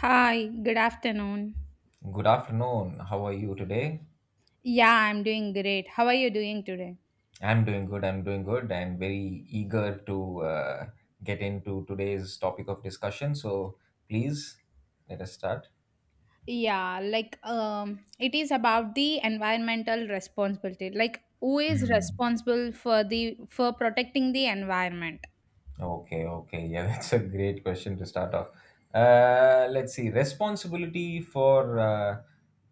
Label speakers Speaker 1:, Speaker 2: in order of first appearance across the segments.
Speaker 1: Hi, good afternoon.
Speaker 2: Good afternoon. How are you today?
Speaker 1: Yeah, I'm doing great. How are you doing today?
Speaker 2: I'm doing good. I'm doing good and very eager to get into today's topic of discussion. So please let us start.
Speaker 1: Yeah, it is about the environmental responsibility. Like who is
Speaker 2: Hmm.
Speaker 1: responsible for the for protecting the environment?
Speaker 2: Okay, okay. Yeah, that's a great question to start off. Let's see. Responsibility for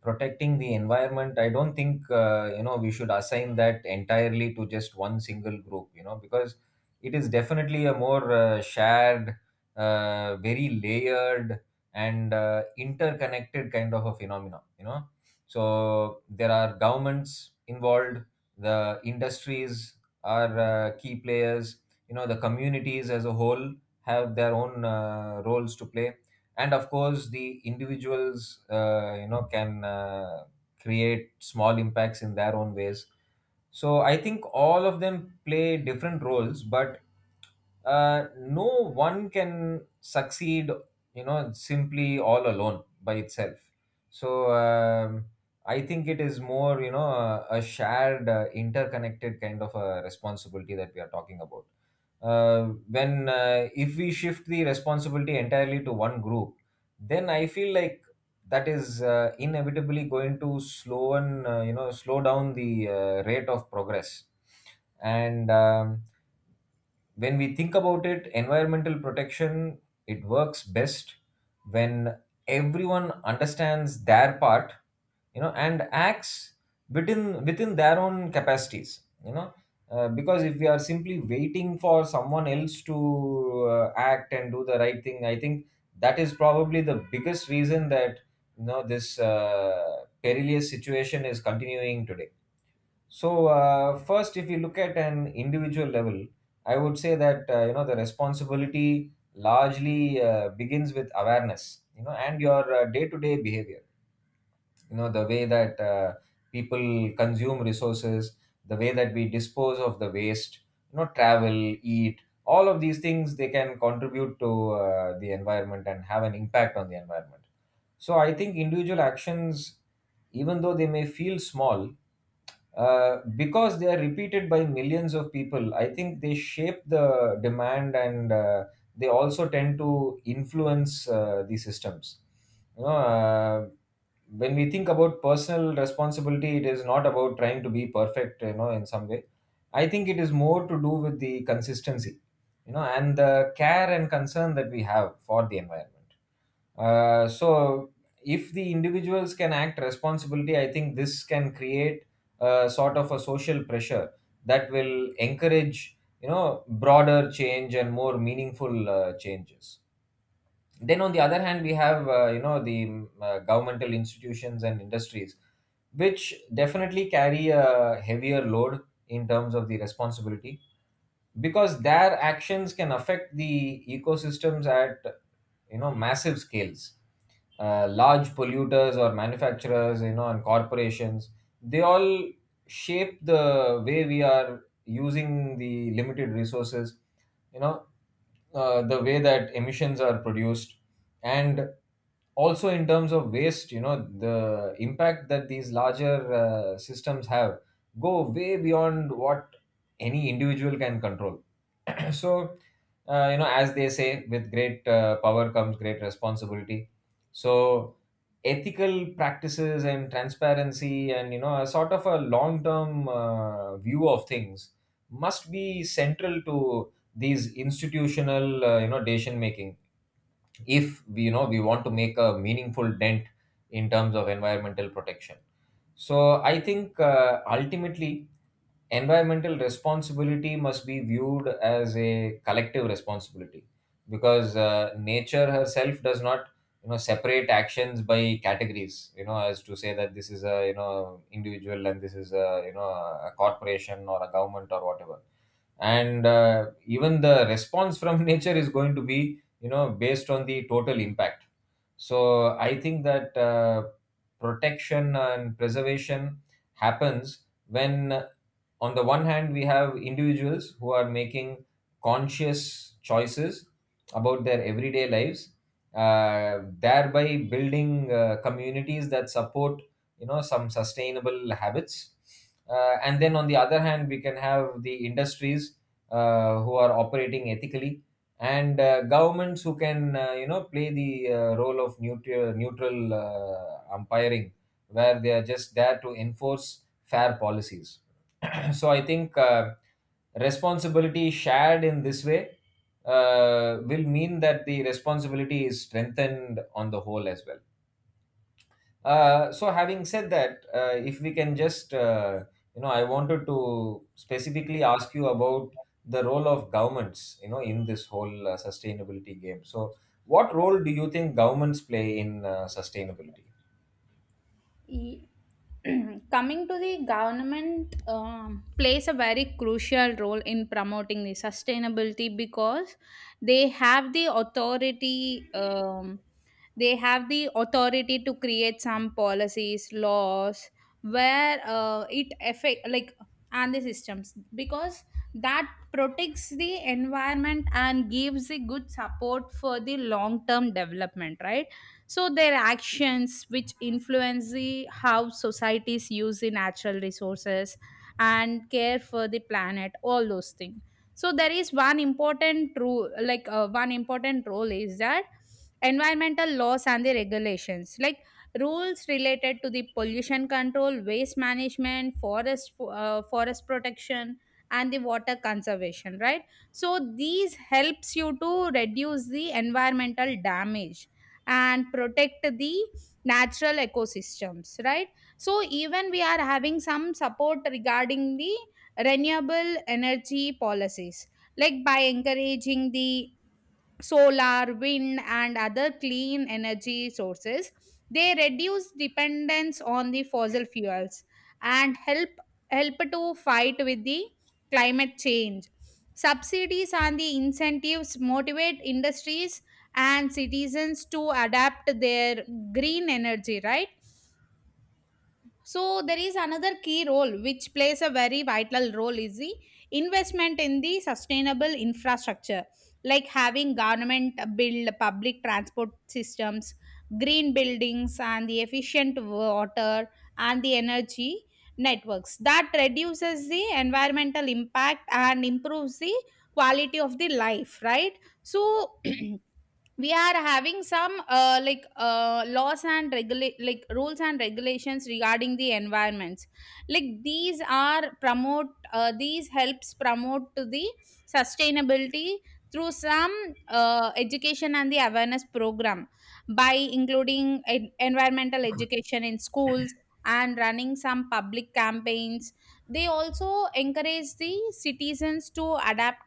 Speaker 2: protecting the environment. I don't think, you know, we should assign that entirely to just one single group, you know, because it is definitely a more shared, very layered and interconnected kind of a phenomena, you know. So there are governments involved, the industries are key players, you know, the communities as a whole have their own roles to play, and of course the individuals you know can create small impacts in their own ways. So I think all of them play different roles, but no one can succeed, you know, simply all alone by itself. So I think it is more, you know, a shared, interconnected kind of a responsibility that we are talking about. uh, when if we shift the responsibility entirely to one group, then I feel like that is inevitably going to slow and you know slow down the rate of progress. And when we think about it, environmental protection, it works best when everyone understands their part, you know, and acts within their own capacities, you know. Because if we are simply waiting for someone else to act and do the right thing, I think that is probably the biggest reason that, you know, this perilous situation is continuing today. So first, if you look at an individual level, I would say that you know the responsibility largely begins with awareness, you know, and your day-to-day behavior. You know, the way that people consume resources, the way that we dispose of the waste, you know, travel, eat, all of these things, they can contribute to the environment and have an impact on the environment. So I think individual actions, even though they may feel small, because they are repeated by millions of people, I think they shape the demand, and they also tend to influence the systems, you know. When we think about personal responsibility, it is not about trying to be perfect, you know, in some way. I think it is more to do with the consistency, you know, and the care and concern that we have for the environment. So if the individuals can act responsibility, I think this can create a sort of a social pressure that will encourage, you know, broader change and more meaningful changes. Then on the other hand, we have you know the governmental institutions and industries, which definitely carry a heavier load in terms of the responsibility, because their actions can affect the ecosystems at, you know, massive scales. Large polluters or manufacturers, you know, and corporations, they all shape the way we are using the limited resources, you know, the way that emissions are produced, and also in terms of waste, you know, the impact that these larger systems have go way beyond what any individual can control. So you know, as they say, with great power comes great responsibility. So ethical practices and transparency and, you know, a sort of a long term view of things must be central to these institutional, you know, decision making if we, you know, we want to make a meaningful dent in terms of environmental protection. So I think ultimately environmental responsibility must be viewed as a collective responsibility, because nature herself does not, you know, separate actions by categories, you know, as to say that this is a, you know, individual and this is a, you know, a corporation or a government or whatever. And even the response from nature is going to be, you know, based on the total impact. So I think that protection and preservation happens when, on the one hand, we have individuals who are making conscious choices about their everyday lives, uh, thereby building communities that support, you know, some sustainable habits, and then on the other hand we can have the industries who are operating ethically, and governments who can, you know, play the role of neutral umpiring, where they are just there to enforce fair policies. So I think responsibility shared in this way will mean that the responsibility is strengthened on the whole as well. So having said that, if we can just you know, I wanted to specifically ask you about the role of governments, you know, in this whole sustainability game. So what role do you think governments play in sustainability?
Speaker 1: Ye- Coming to the government plays a very crucial role in promoting the sustainability because they have the authority they have the authority to create some policies laws where it affect like and the systems because that protects the environment and gives a good support for the long term development, right? So their actions which influence the how societies use the natural resources and care for the planet all those things. So there is one important rule, like one important role is that environmental laws and the regulations, like rules related to the pollution control waste management forest forest protection and the water conservation, right? So these helps you to reduce the environmental damage and protect the natural ecosystems, right? So even we are having some support regarding the renewable energy policies, like by encouraging the solar, wind, and other clean energy sources. They reduce dependence on the fossil fuels and help to fight with the climate change. Subsidies and the incentives motivate industries and citizens to adapt their green energy, right? So there is another key role which plays a very vital role is the investment in the sustainable infrastructure, like having government build public transport systems, green buildings, and the efficient water and the energy networks. That reduces the environmental impact and improves the quality of the life, right? So we are having some laws and regulate, like rules and regulations regarding the environments, like these are promote these helps promote to the sustainability through some education and the awareness program by including environmental education in schools and running some public campaigns. They also encourage the citizens to adapt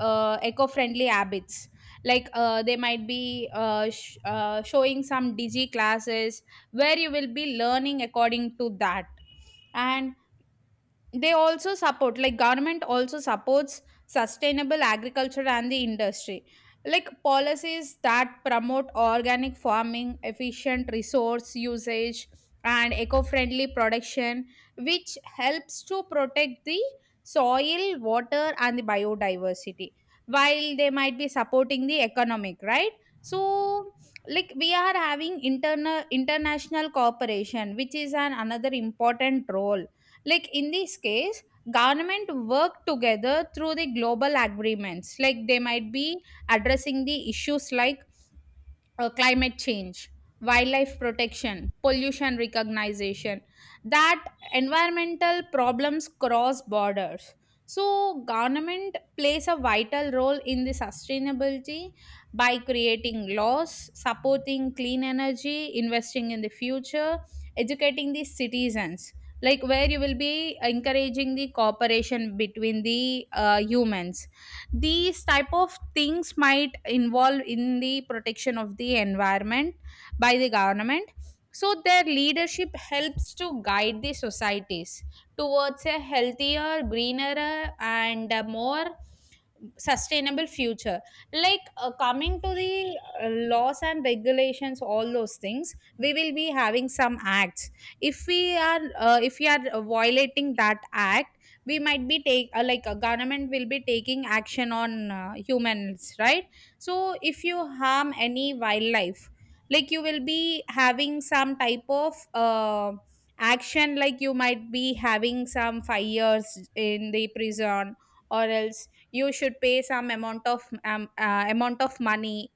Speaker 1: eco-friendly habits, like they might be showing some digi classes where you will be learning according to that. And they also support, like government also supports sustainable agriculture and the industry, like policies that promote organic farming efficient resource usage and eco-friendly production, which helps to protect the soil water and the biodiversity while they might be supporting the economic, right? So like we are having internal international cooperation which is an another important role, like in this case government work together through the global agreements, like they might be addressing the issues like climate change, wildlife protection, pollution recognition, that environmental problems cross borders. So, government plays a vital role in the sustainability by creating laws, supporting clean energy, investing in the future, educating the citizens. Like where you will be encouraging the cooperation between the humans, these type of things might involve in the protection of the environment by the government. So their leadership helps to guide the societies towards a healthier greener and more sustainable future. Like coming to the laws and regulations all those things, we will be having some acts. if we are if we are violating that act, we might be take like a government will be taking action on humans, right? So if you harm any wildlife, like you will be having some type of action, like you might be having some fires in the prison or else you should pay some amount of money,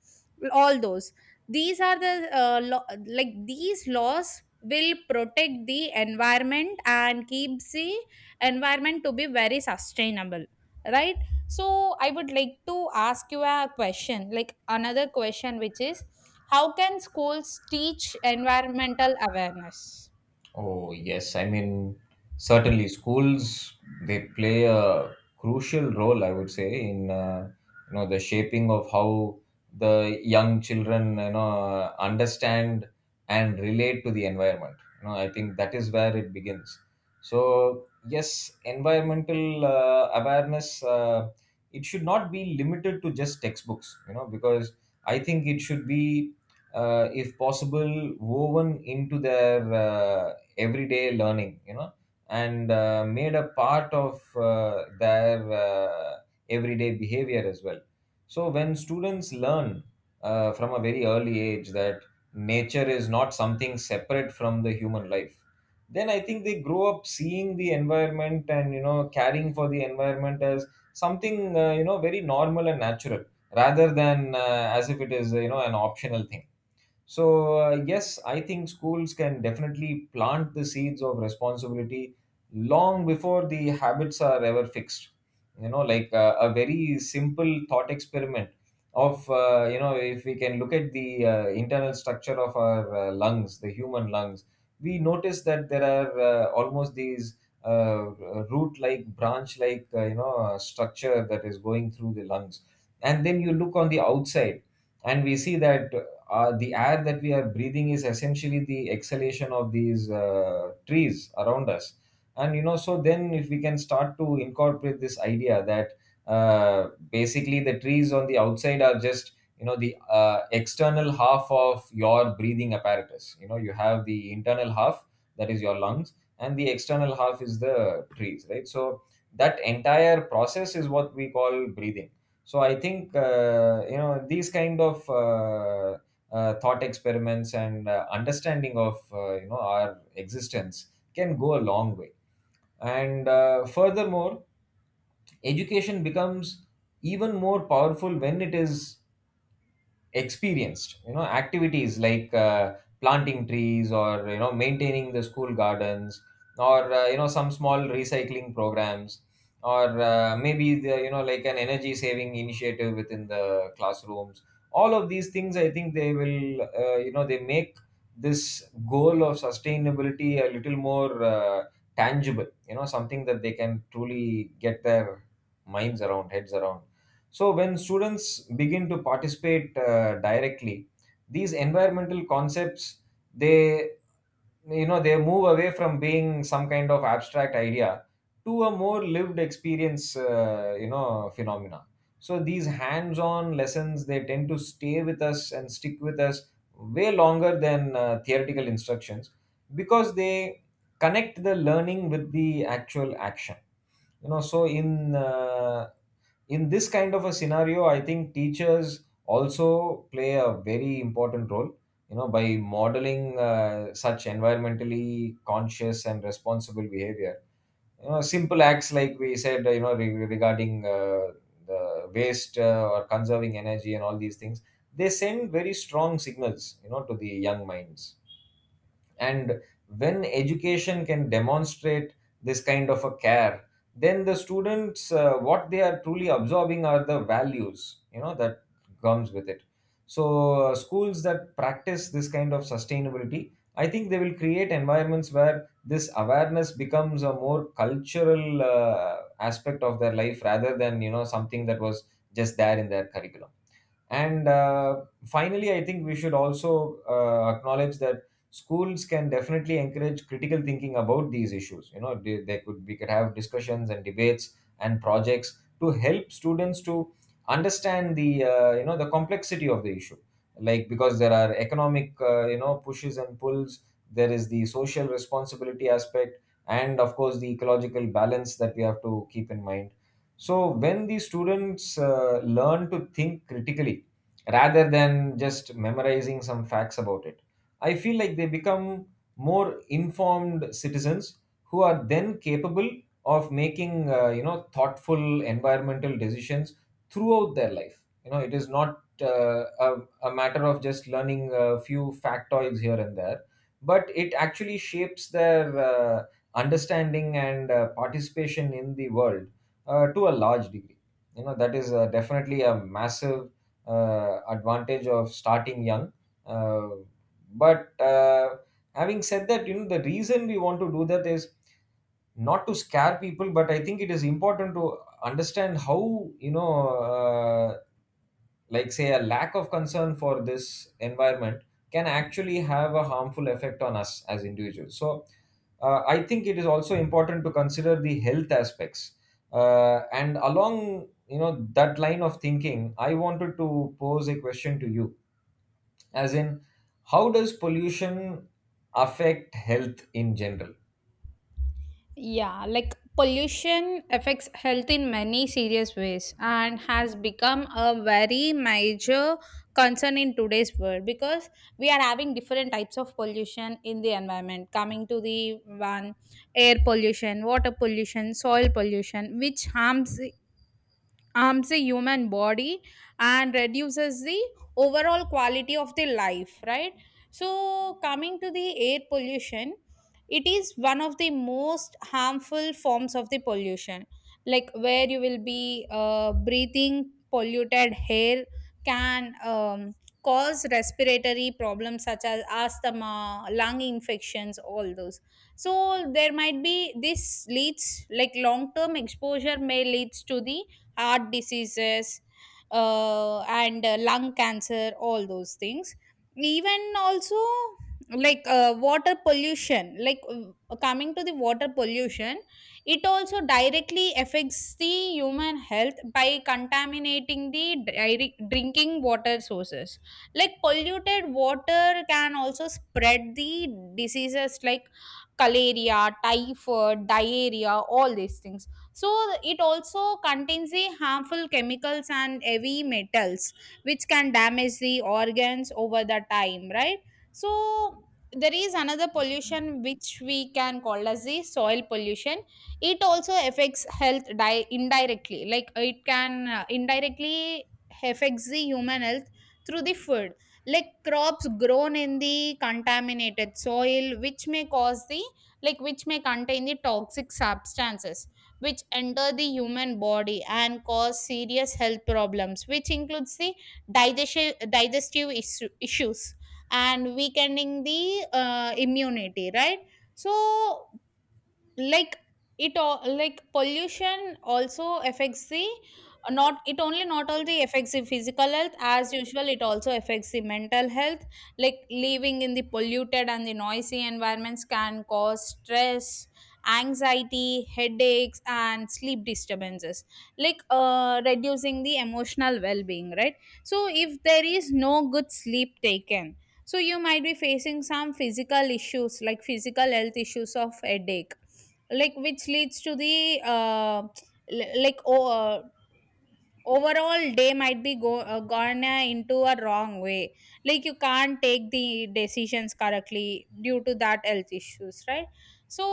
Speaker 1: all those. These are the law like these laws will protect the environment and keeps the environment to be very sustainable, right? So I would like to ask you a question, like another question which is, how can schools teach environmental awareness?
Speaker 2: Oh, yes. I mean, certainly schools, they play a crucial role, I would say, in you know the shaping of how the young children, you know, understand and relate to the environment. You know, I think that is where it begins. So yes, environmental awareness, it should not be limited to just textbooks. You know, because I think it should be, if possible, woven into their everyday learning, you know, and made a part of their everyday behavior as well. So when students learn from a very early age that nature is not something separate from the human life, then I think they grow up seeing the environment and, you know, caring for the environment as something you know very normal and natural, rather than as if it is, you know, an optional thing. So, yes, I think schools can definitely plant the seeds of responsibility long before the habits are ever fixed. You know, like a very simple thought experiment of, you know, if we can look at the internal structure of our lungs, the human lungs, we notice that there are almost these uh, root like, branch like, you know, structure that is going through the lungs. And then you look on the outside and we see that the air that we are breathing is essentially the exhalation of these trees around us. And you know, so then if we can start to incorporate this idea that basically the trees on the outside are just, you know, the external half of your breathing apparatus. You know, you have the internal half, that is your lungs, and the external half is the trees, right? So that entire process is what we call breathing. So I think you know these kind of thought experiments and understanding of you know our existence can go a long way. And furthermore, education becomes even more powerful when it is experienced. You know, activities like planting trees or, you know, maintaining the school gardens, or you know some small recycling programs, or maybe the, you know, like an energy saving initiative within the classrooms, all of these things, I think they will, you know, they make this goal of sustainability a little more tangible, you know, something that they can truly get their minds around, heads around. So, when students begin to participate directly, these environmental concepts, they, you know, they move away from being some kind of abstract idea to a more lived experience, you know, phenomena. So these hands-on lessons, they tend to stay with us and stick with us way longer than theoretical instructions, because they connect the learning with the actual action. You know, so in this kind of a scenario, I think teachers also play a very important role, you know, by modeling such environmentally conscious and responsible behavior. You know, simple acts like we said, you know, regarding the waste or conserving energy and all these things, they send very strong signals, you know, to the young minds. And when education can demonstrate this kind of a care, then the students, what they are truly absorbing are the values, you know, that comes with it. So schools that practice this kind of sustainability, I think they will create environments where this awareness becomes a more cultural aspect of their life, rather than, you know, something that was just there in their curriculum. And finally, I think we should also acknowledge that schools can definitely encourage critical thinking about these issues. You know, they could we could have discussions and debates and projects to help students to understand the, you know, the complexity of the issue. Like, because there are economic pushes and pulls, there is the social responsibility aspect, and of course the ecological balance that we have to keep in mind. So when the students learn to think critically rather than just memorizing some facts about it. I feel like they become more informed citizens who are then capable of making thoughtful environmental decisions throughout their life. You know, it is not a matter of just learning a few factoids here and there, but it actually shapes their understanding and participation in the world to a large degree. You know, that is definitely a massive advantage of starting young. Uh, but having said that, you know, the reason we want to do that is not to scare people, but I think it is important to understand how, like say a lack of concern for this environment can actually have a harmful effect on us as individuals. So, I think it is also important to consider the health aspects. And along, you know, that line of thinking, I wanted to pose a question to you, as in, how does pollution affect health in general?
Speaker 1: Yeah, like pollution affects health in many serious ways and has become a very major concern in today's world because we are having different types of pollution in the environment. Coming to the one, air pollution, water pollution, soil pollution, which harms the human body and reduces the overall quality of the life, right? So coming to the air pollution, it is one of the most harmful forms of the pollution, like where you will be breathing polluted air can cause respiratory problems such as asthma lung infections all those. So there might be this leads, like long term exposure may leads to the heart diseases and lung cancer all those things. Even also, like coming to the water pollution, it also directly affects the human health by contaminating the drinking water sources, like polluted water can also spread the diseases like cholera typhoid diarrhea all these things. So it also contains the harmful chemicals and heavy metals which can damage the organs over the time, right? So there is another pollution which we can call as the soil pollution. It also affects health indirectly, like it can indirectly affects the human health through the food, like crops grown in the contaminated soil which may cause the, like which may contain the toxic substances which enter the human body and cause serious health problems which includes the digestive issues and weakening the immunity, right? So like it all, like pollution also affects the not, it only not only affects the physical health as usual, it also affects the mental health, like living in the polluted and the noisy environments can cause stress anxiety headaches and sleep disturbances, like reducing the emotional well-being, right? So if there is no good sleep taken, so you might be facing some physical issues, like physical health issues of headache, like which leads to the like overall day might be go gone into a wrong way, like you can't take the decisions correctly due to that health issues, right? So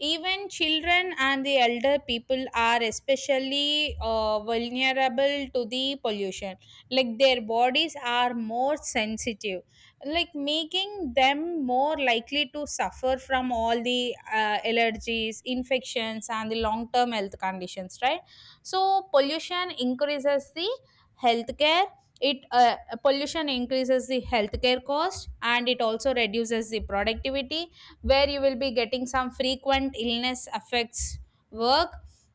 Speaker 1: even children and the elder people are especially vulnerable to the pollution, like their bodies are more sensitive, like making them more likely to suffer from all the allergies infections and the long term health conditions, right? So pollution increases the healthcare, it pollution increases the healthcare cost and it also reduces the productivity, where you will be getting some frequent illness affects work,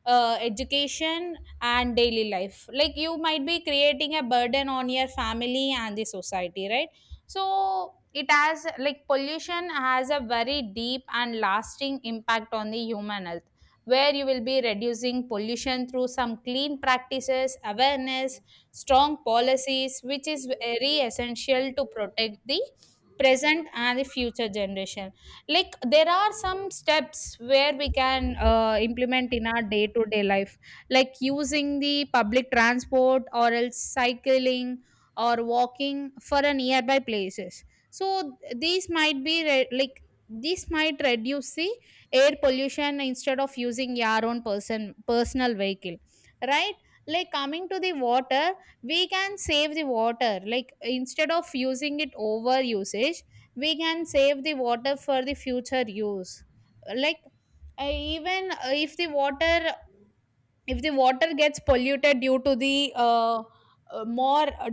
Speaker 1: education and daily life, like you might be creating a burden on your family and the society, right? So it has, like pollution has a very deep and lasting impact on the human health, where you will be reducing pollution through some clean practices, awareness, strong policies, which is very essential to protect the present and the future generation. Like there are some steps where we can implement in our day to day life, like using the public transport or else cycling or walking for a nearby places. So these might be this might reduce the air pollution instead of using your own personal vehicle, right? Like coming to the water, we can save the water, like instead of using it over usage we can save the water for the future use. Like even if the water, if the water gets polluted due to the more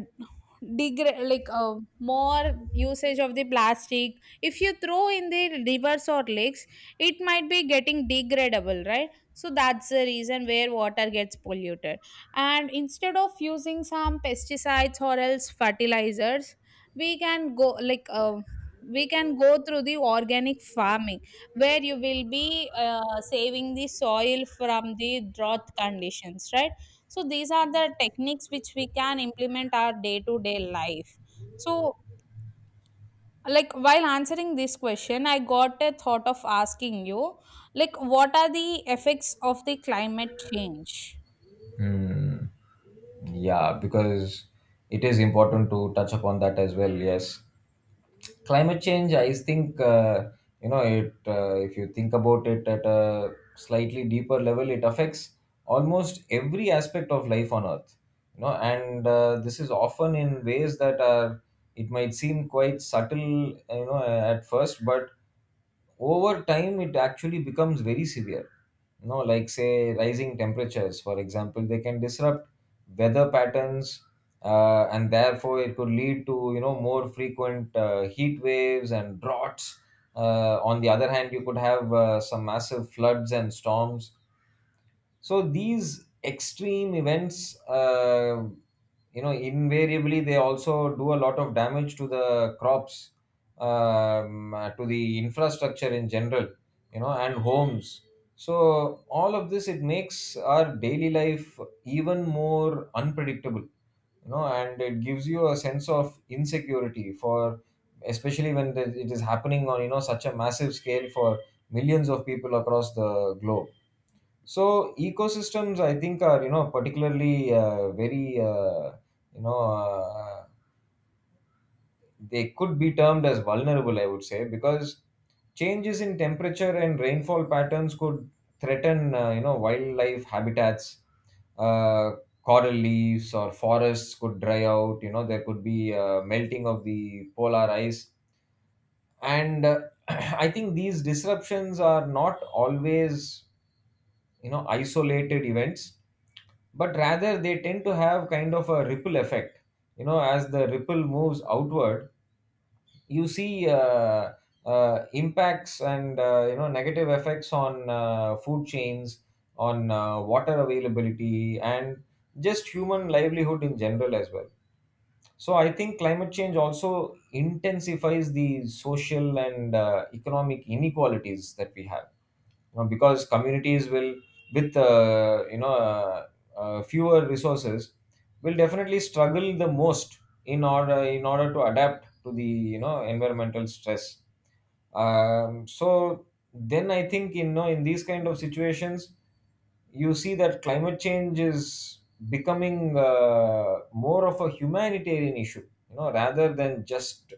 Speaker 1: degra- like more usage of the plastic, if you throw in the rivers or lakes, it might be getting degradable, right? So that's the reason where water gets polluted. And instead of using some pesticides or else fertilizers, we can go like we can go through the organic farming where you will be saving the soil from the drought conditions, right? So these are the techniques which we can implement our day to day life. So like while answering this question I got a thought of asking you, like what are the effects of the climate change?
Speaker 2: Hmm. Yeah, because it is important to touch upon that as well. Yes, climate change, I think, it if you think about it at a slightly deeper level, it affects almost every aspect of life on earth, you know, and this is often in ways that are, it might seem quite subtle, you know, at first, but over time it actually becomes very severe. You know, like say rising temperatures, for example, they can disrupt weather patterns, and therefore it could lead to, you know, more frequent heat waves and droughts. On the other hand, you could have some massive floods and storms. So these extreme events, uh, you know, invariably they also do a lot of damage to the crops, to the infrastructure in general, you know, and homes. So all of this, it makes our daily life even more unpredictable, you know, and it gives you a sense of insecurity, for especially when it is happening on, you know, such a massive scale for millions of people across the globe. So ecosystems, I think, are, you know, particularly very you know they could be termed as vulnerable, I would say, because changes in temperature and rainfall patterns could threaten wildlife habitats. Uh, Coral leaves or forests could dry out. You know, there could be melting of the polar ice, and I think these disruptions are not always, you know, isolated events, but rather they tend to have kind of a ripple effect. You know, as the ripple moves outward, you see impacts and, you know, negative effects on food chains, on water availability, and just human livelihood in general as well. So I think climate change also intensifies the social and economic inequalities that we have, because communities will with you know fewer resources will definitely struggle the most in order to adapt to the, you know, environmental stress. So then I think, you know, in these kind of situations, you see that climate change is becoming more of a humanitarian issue, you know, rather than just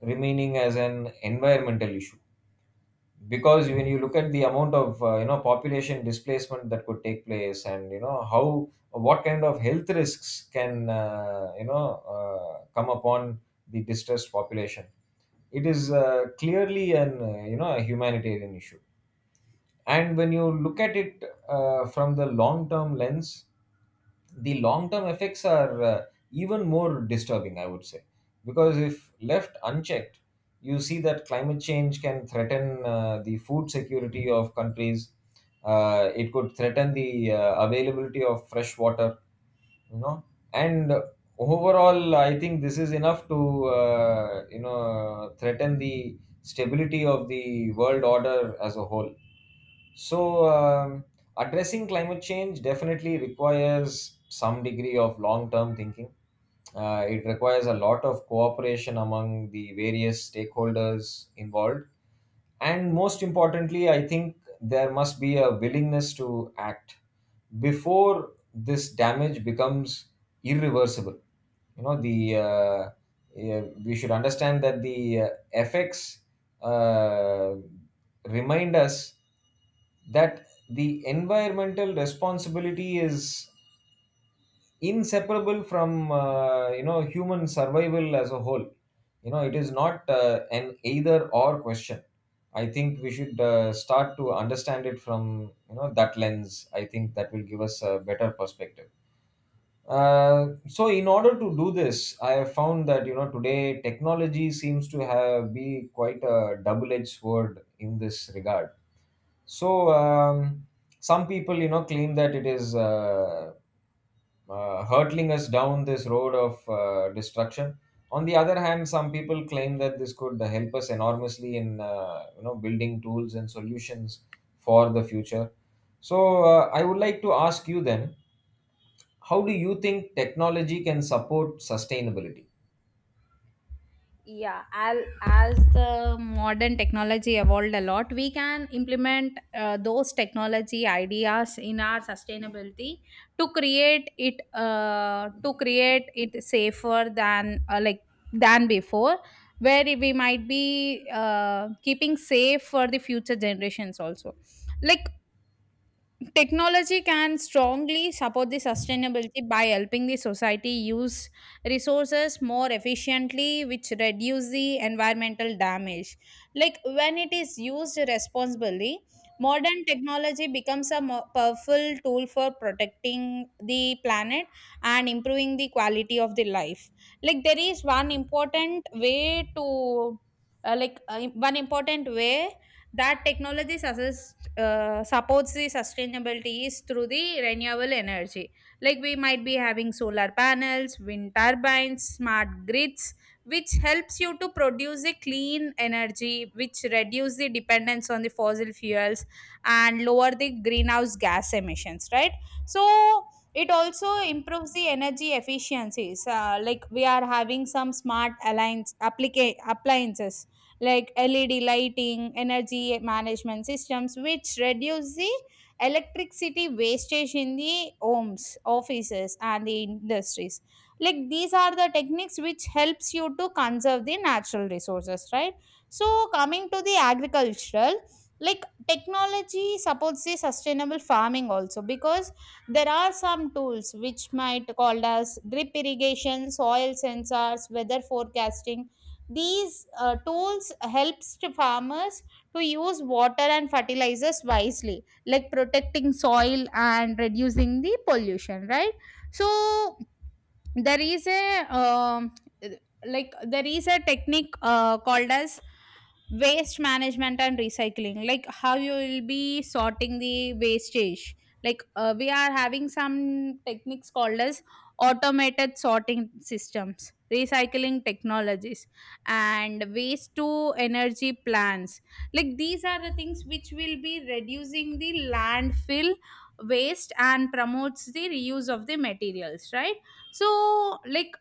Speaker 2: remaining as an environmental issue, because when you look at the amount of, you know, population displacement that could take place and, you know, how, what kind of health risks can, come upon the distressed population, it is clearly an you know, a humanitarian issue. And when you look at it from the long term lens, the long term effects are even more disturbing, I would say, because if left unchecked, you see that climate change can threaten the food security of countries. It could threaten the availability of fresh water, you know, and overall I think this is enough to you know, threaten the stability of the world order as a whole. So, addressing climate change definitely requires some degree of long term thinking. It requires a lot of cooperation among the various stakeholders involved. And most importantly, I think there must be a willingness to act before this damage becomes irreversible. You know, the uh, yeah, we should understand that the effects uh, remind us that the environmental responsibility is inseparable from human survival as a whole. You know, it is not an either or question. I think we should start to understand it from, you know, that lens. I think that will give us a better perspective. So in order to do this, I have found that, you know, today technology seems to have be quite a double edged sword in this regard. So some people, you know, claim that it is hurtling us down this road of destruction. On the other hand, some people claim that this could help us enormously in, you know, building tools and solutions for the future. So I would like to ask you then, how do you think technology can support sustainability?
Speaker 1: Yeah, as the modern technology evolved a lot, we can implement those technology ideas in our sustainability to create it, to create it safer than than before, where we might be keeping safe for the future generations also. Like technology can strongly support the sustainability by helping the society use resources more efficiently, which reduce the environmental damage. Like when it is used responsibly, modern technology becomes a powerful tool for protecting the planet and improving the quality of the life. Like there is one important way to, like one important way that technology supports the sustainability is through the renewable energy, like we might be having solar panels wind turbines smart grids which helps you to produce a clean energy which reduce the dependence on the fossil fuels and lower the greenhouse gas emissions, right? So it also improves the energy efficiencies, like we are having some smart alliance appliances like LED lighting, energy management systems, which reduce the electricity wastage in the homes, offices, and the industries. Like these are the techniques which helps you to conserve the natural resources, right? So coming to the agricultural, like technology supports the sustainable farming also because there are some tools which might called as drip irrigation, soil sensors, weather forecasting. These tools helps to farmers to use water and fertilizers wisely, like protecting soil and reducing the pollution, right? So there is a there is a technique called as waste management and recycling, like how you will be sorting the wastage. Like we are having some techniques called as automated sorting systems recycling technologies and waste to energy plants, like these are the things which will be reducing the landfill waste and promotes the reuse of the materials, right? so like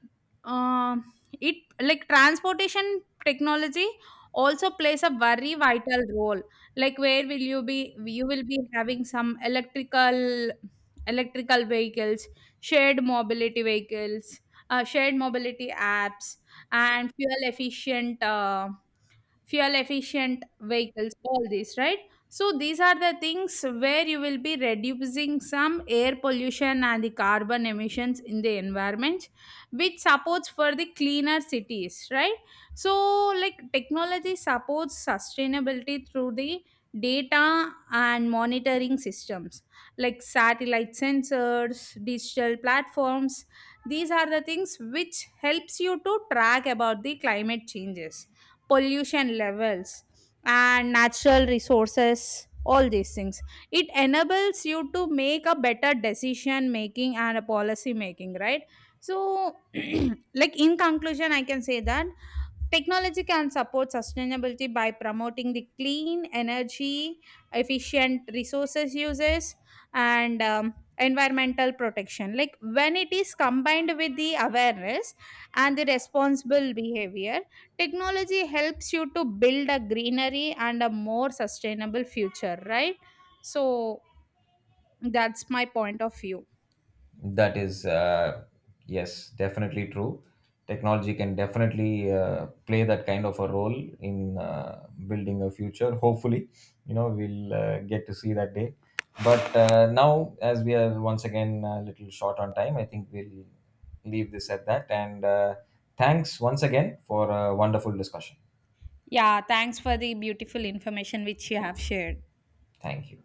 Speaker 1: um it like transportation technology also plays a very vital role, like where will you be you will be having some electrical vehicles, shared mobility vehicles, shared mobility apps, and fuel efficient vehicles all these, right? So these are the things where you will be reducing some air pollution and the carbon emissions in the environment which supports for the cleaner cities, right? So like technology supports sustainability through the data and monitoring systems, like satellite sensors, digital platforms. These are the things which helps you to track about the climate changes, pollution levels, and natural resources all these things. It enables you to make a better decision making and a policy making, right? So like in conclusion I can say that technology can support sustainability by promoting the clean energy efficient resources uses and environmental protection. Like when it is combined with the awareness and the responsible behavior, technology helps you to build a greenery and a more sustainable future, right? So that's my point of view.
Speaker 2: That is, yes, definitely true. Technology can definitely play that kind of a role in building a future. Hopefully, you know, we'll get to see that day. But now, as we are once again a little short on time, I think we'll leave this at that. And thanks once again for a wonderful discussion.
Speaker 1: Yeah, thanks for the beautiful information which you have shared.
Speaker 2: Thank you.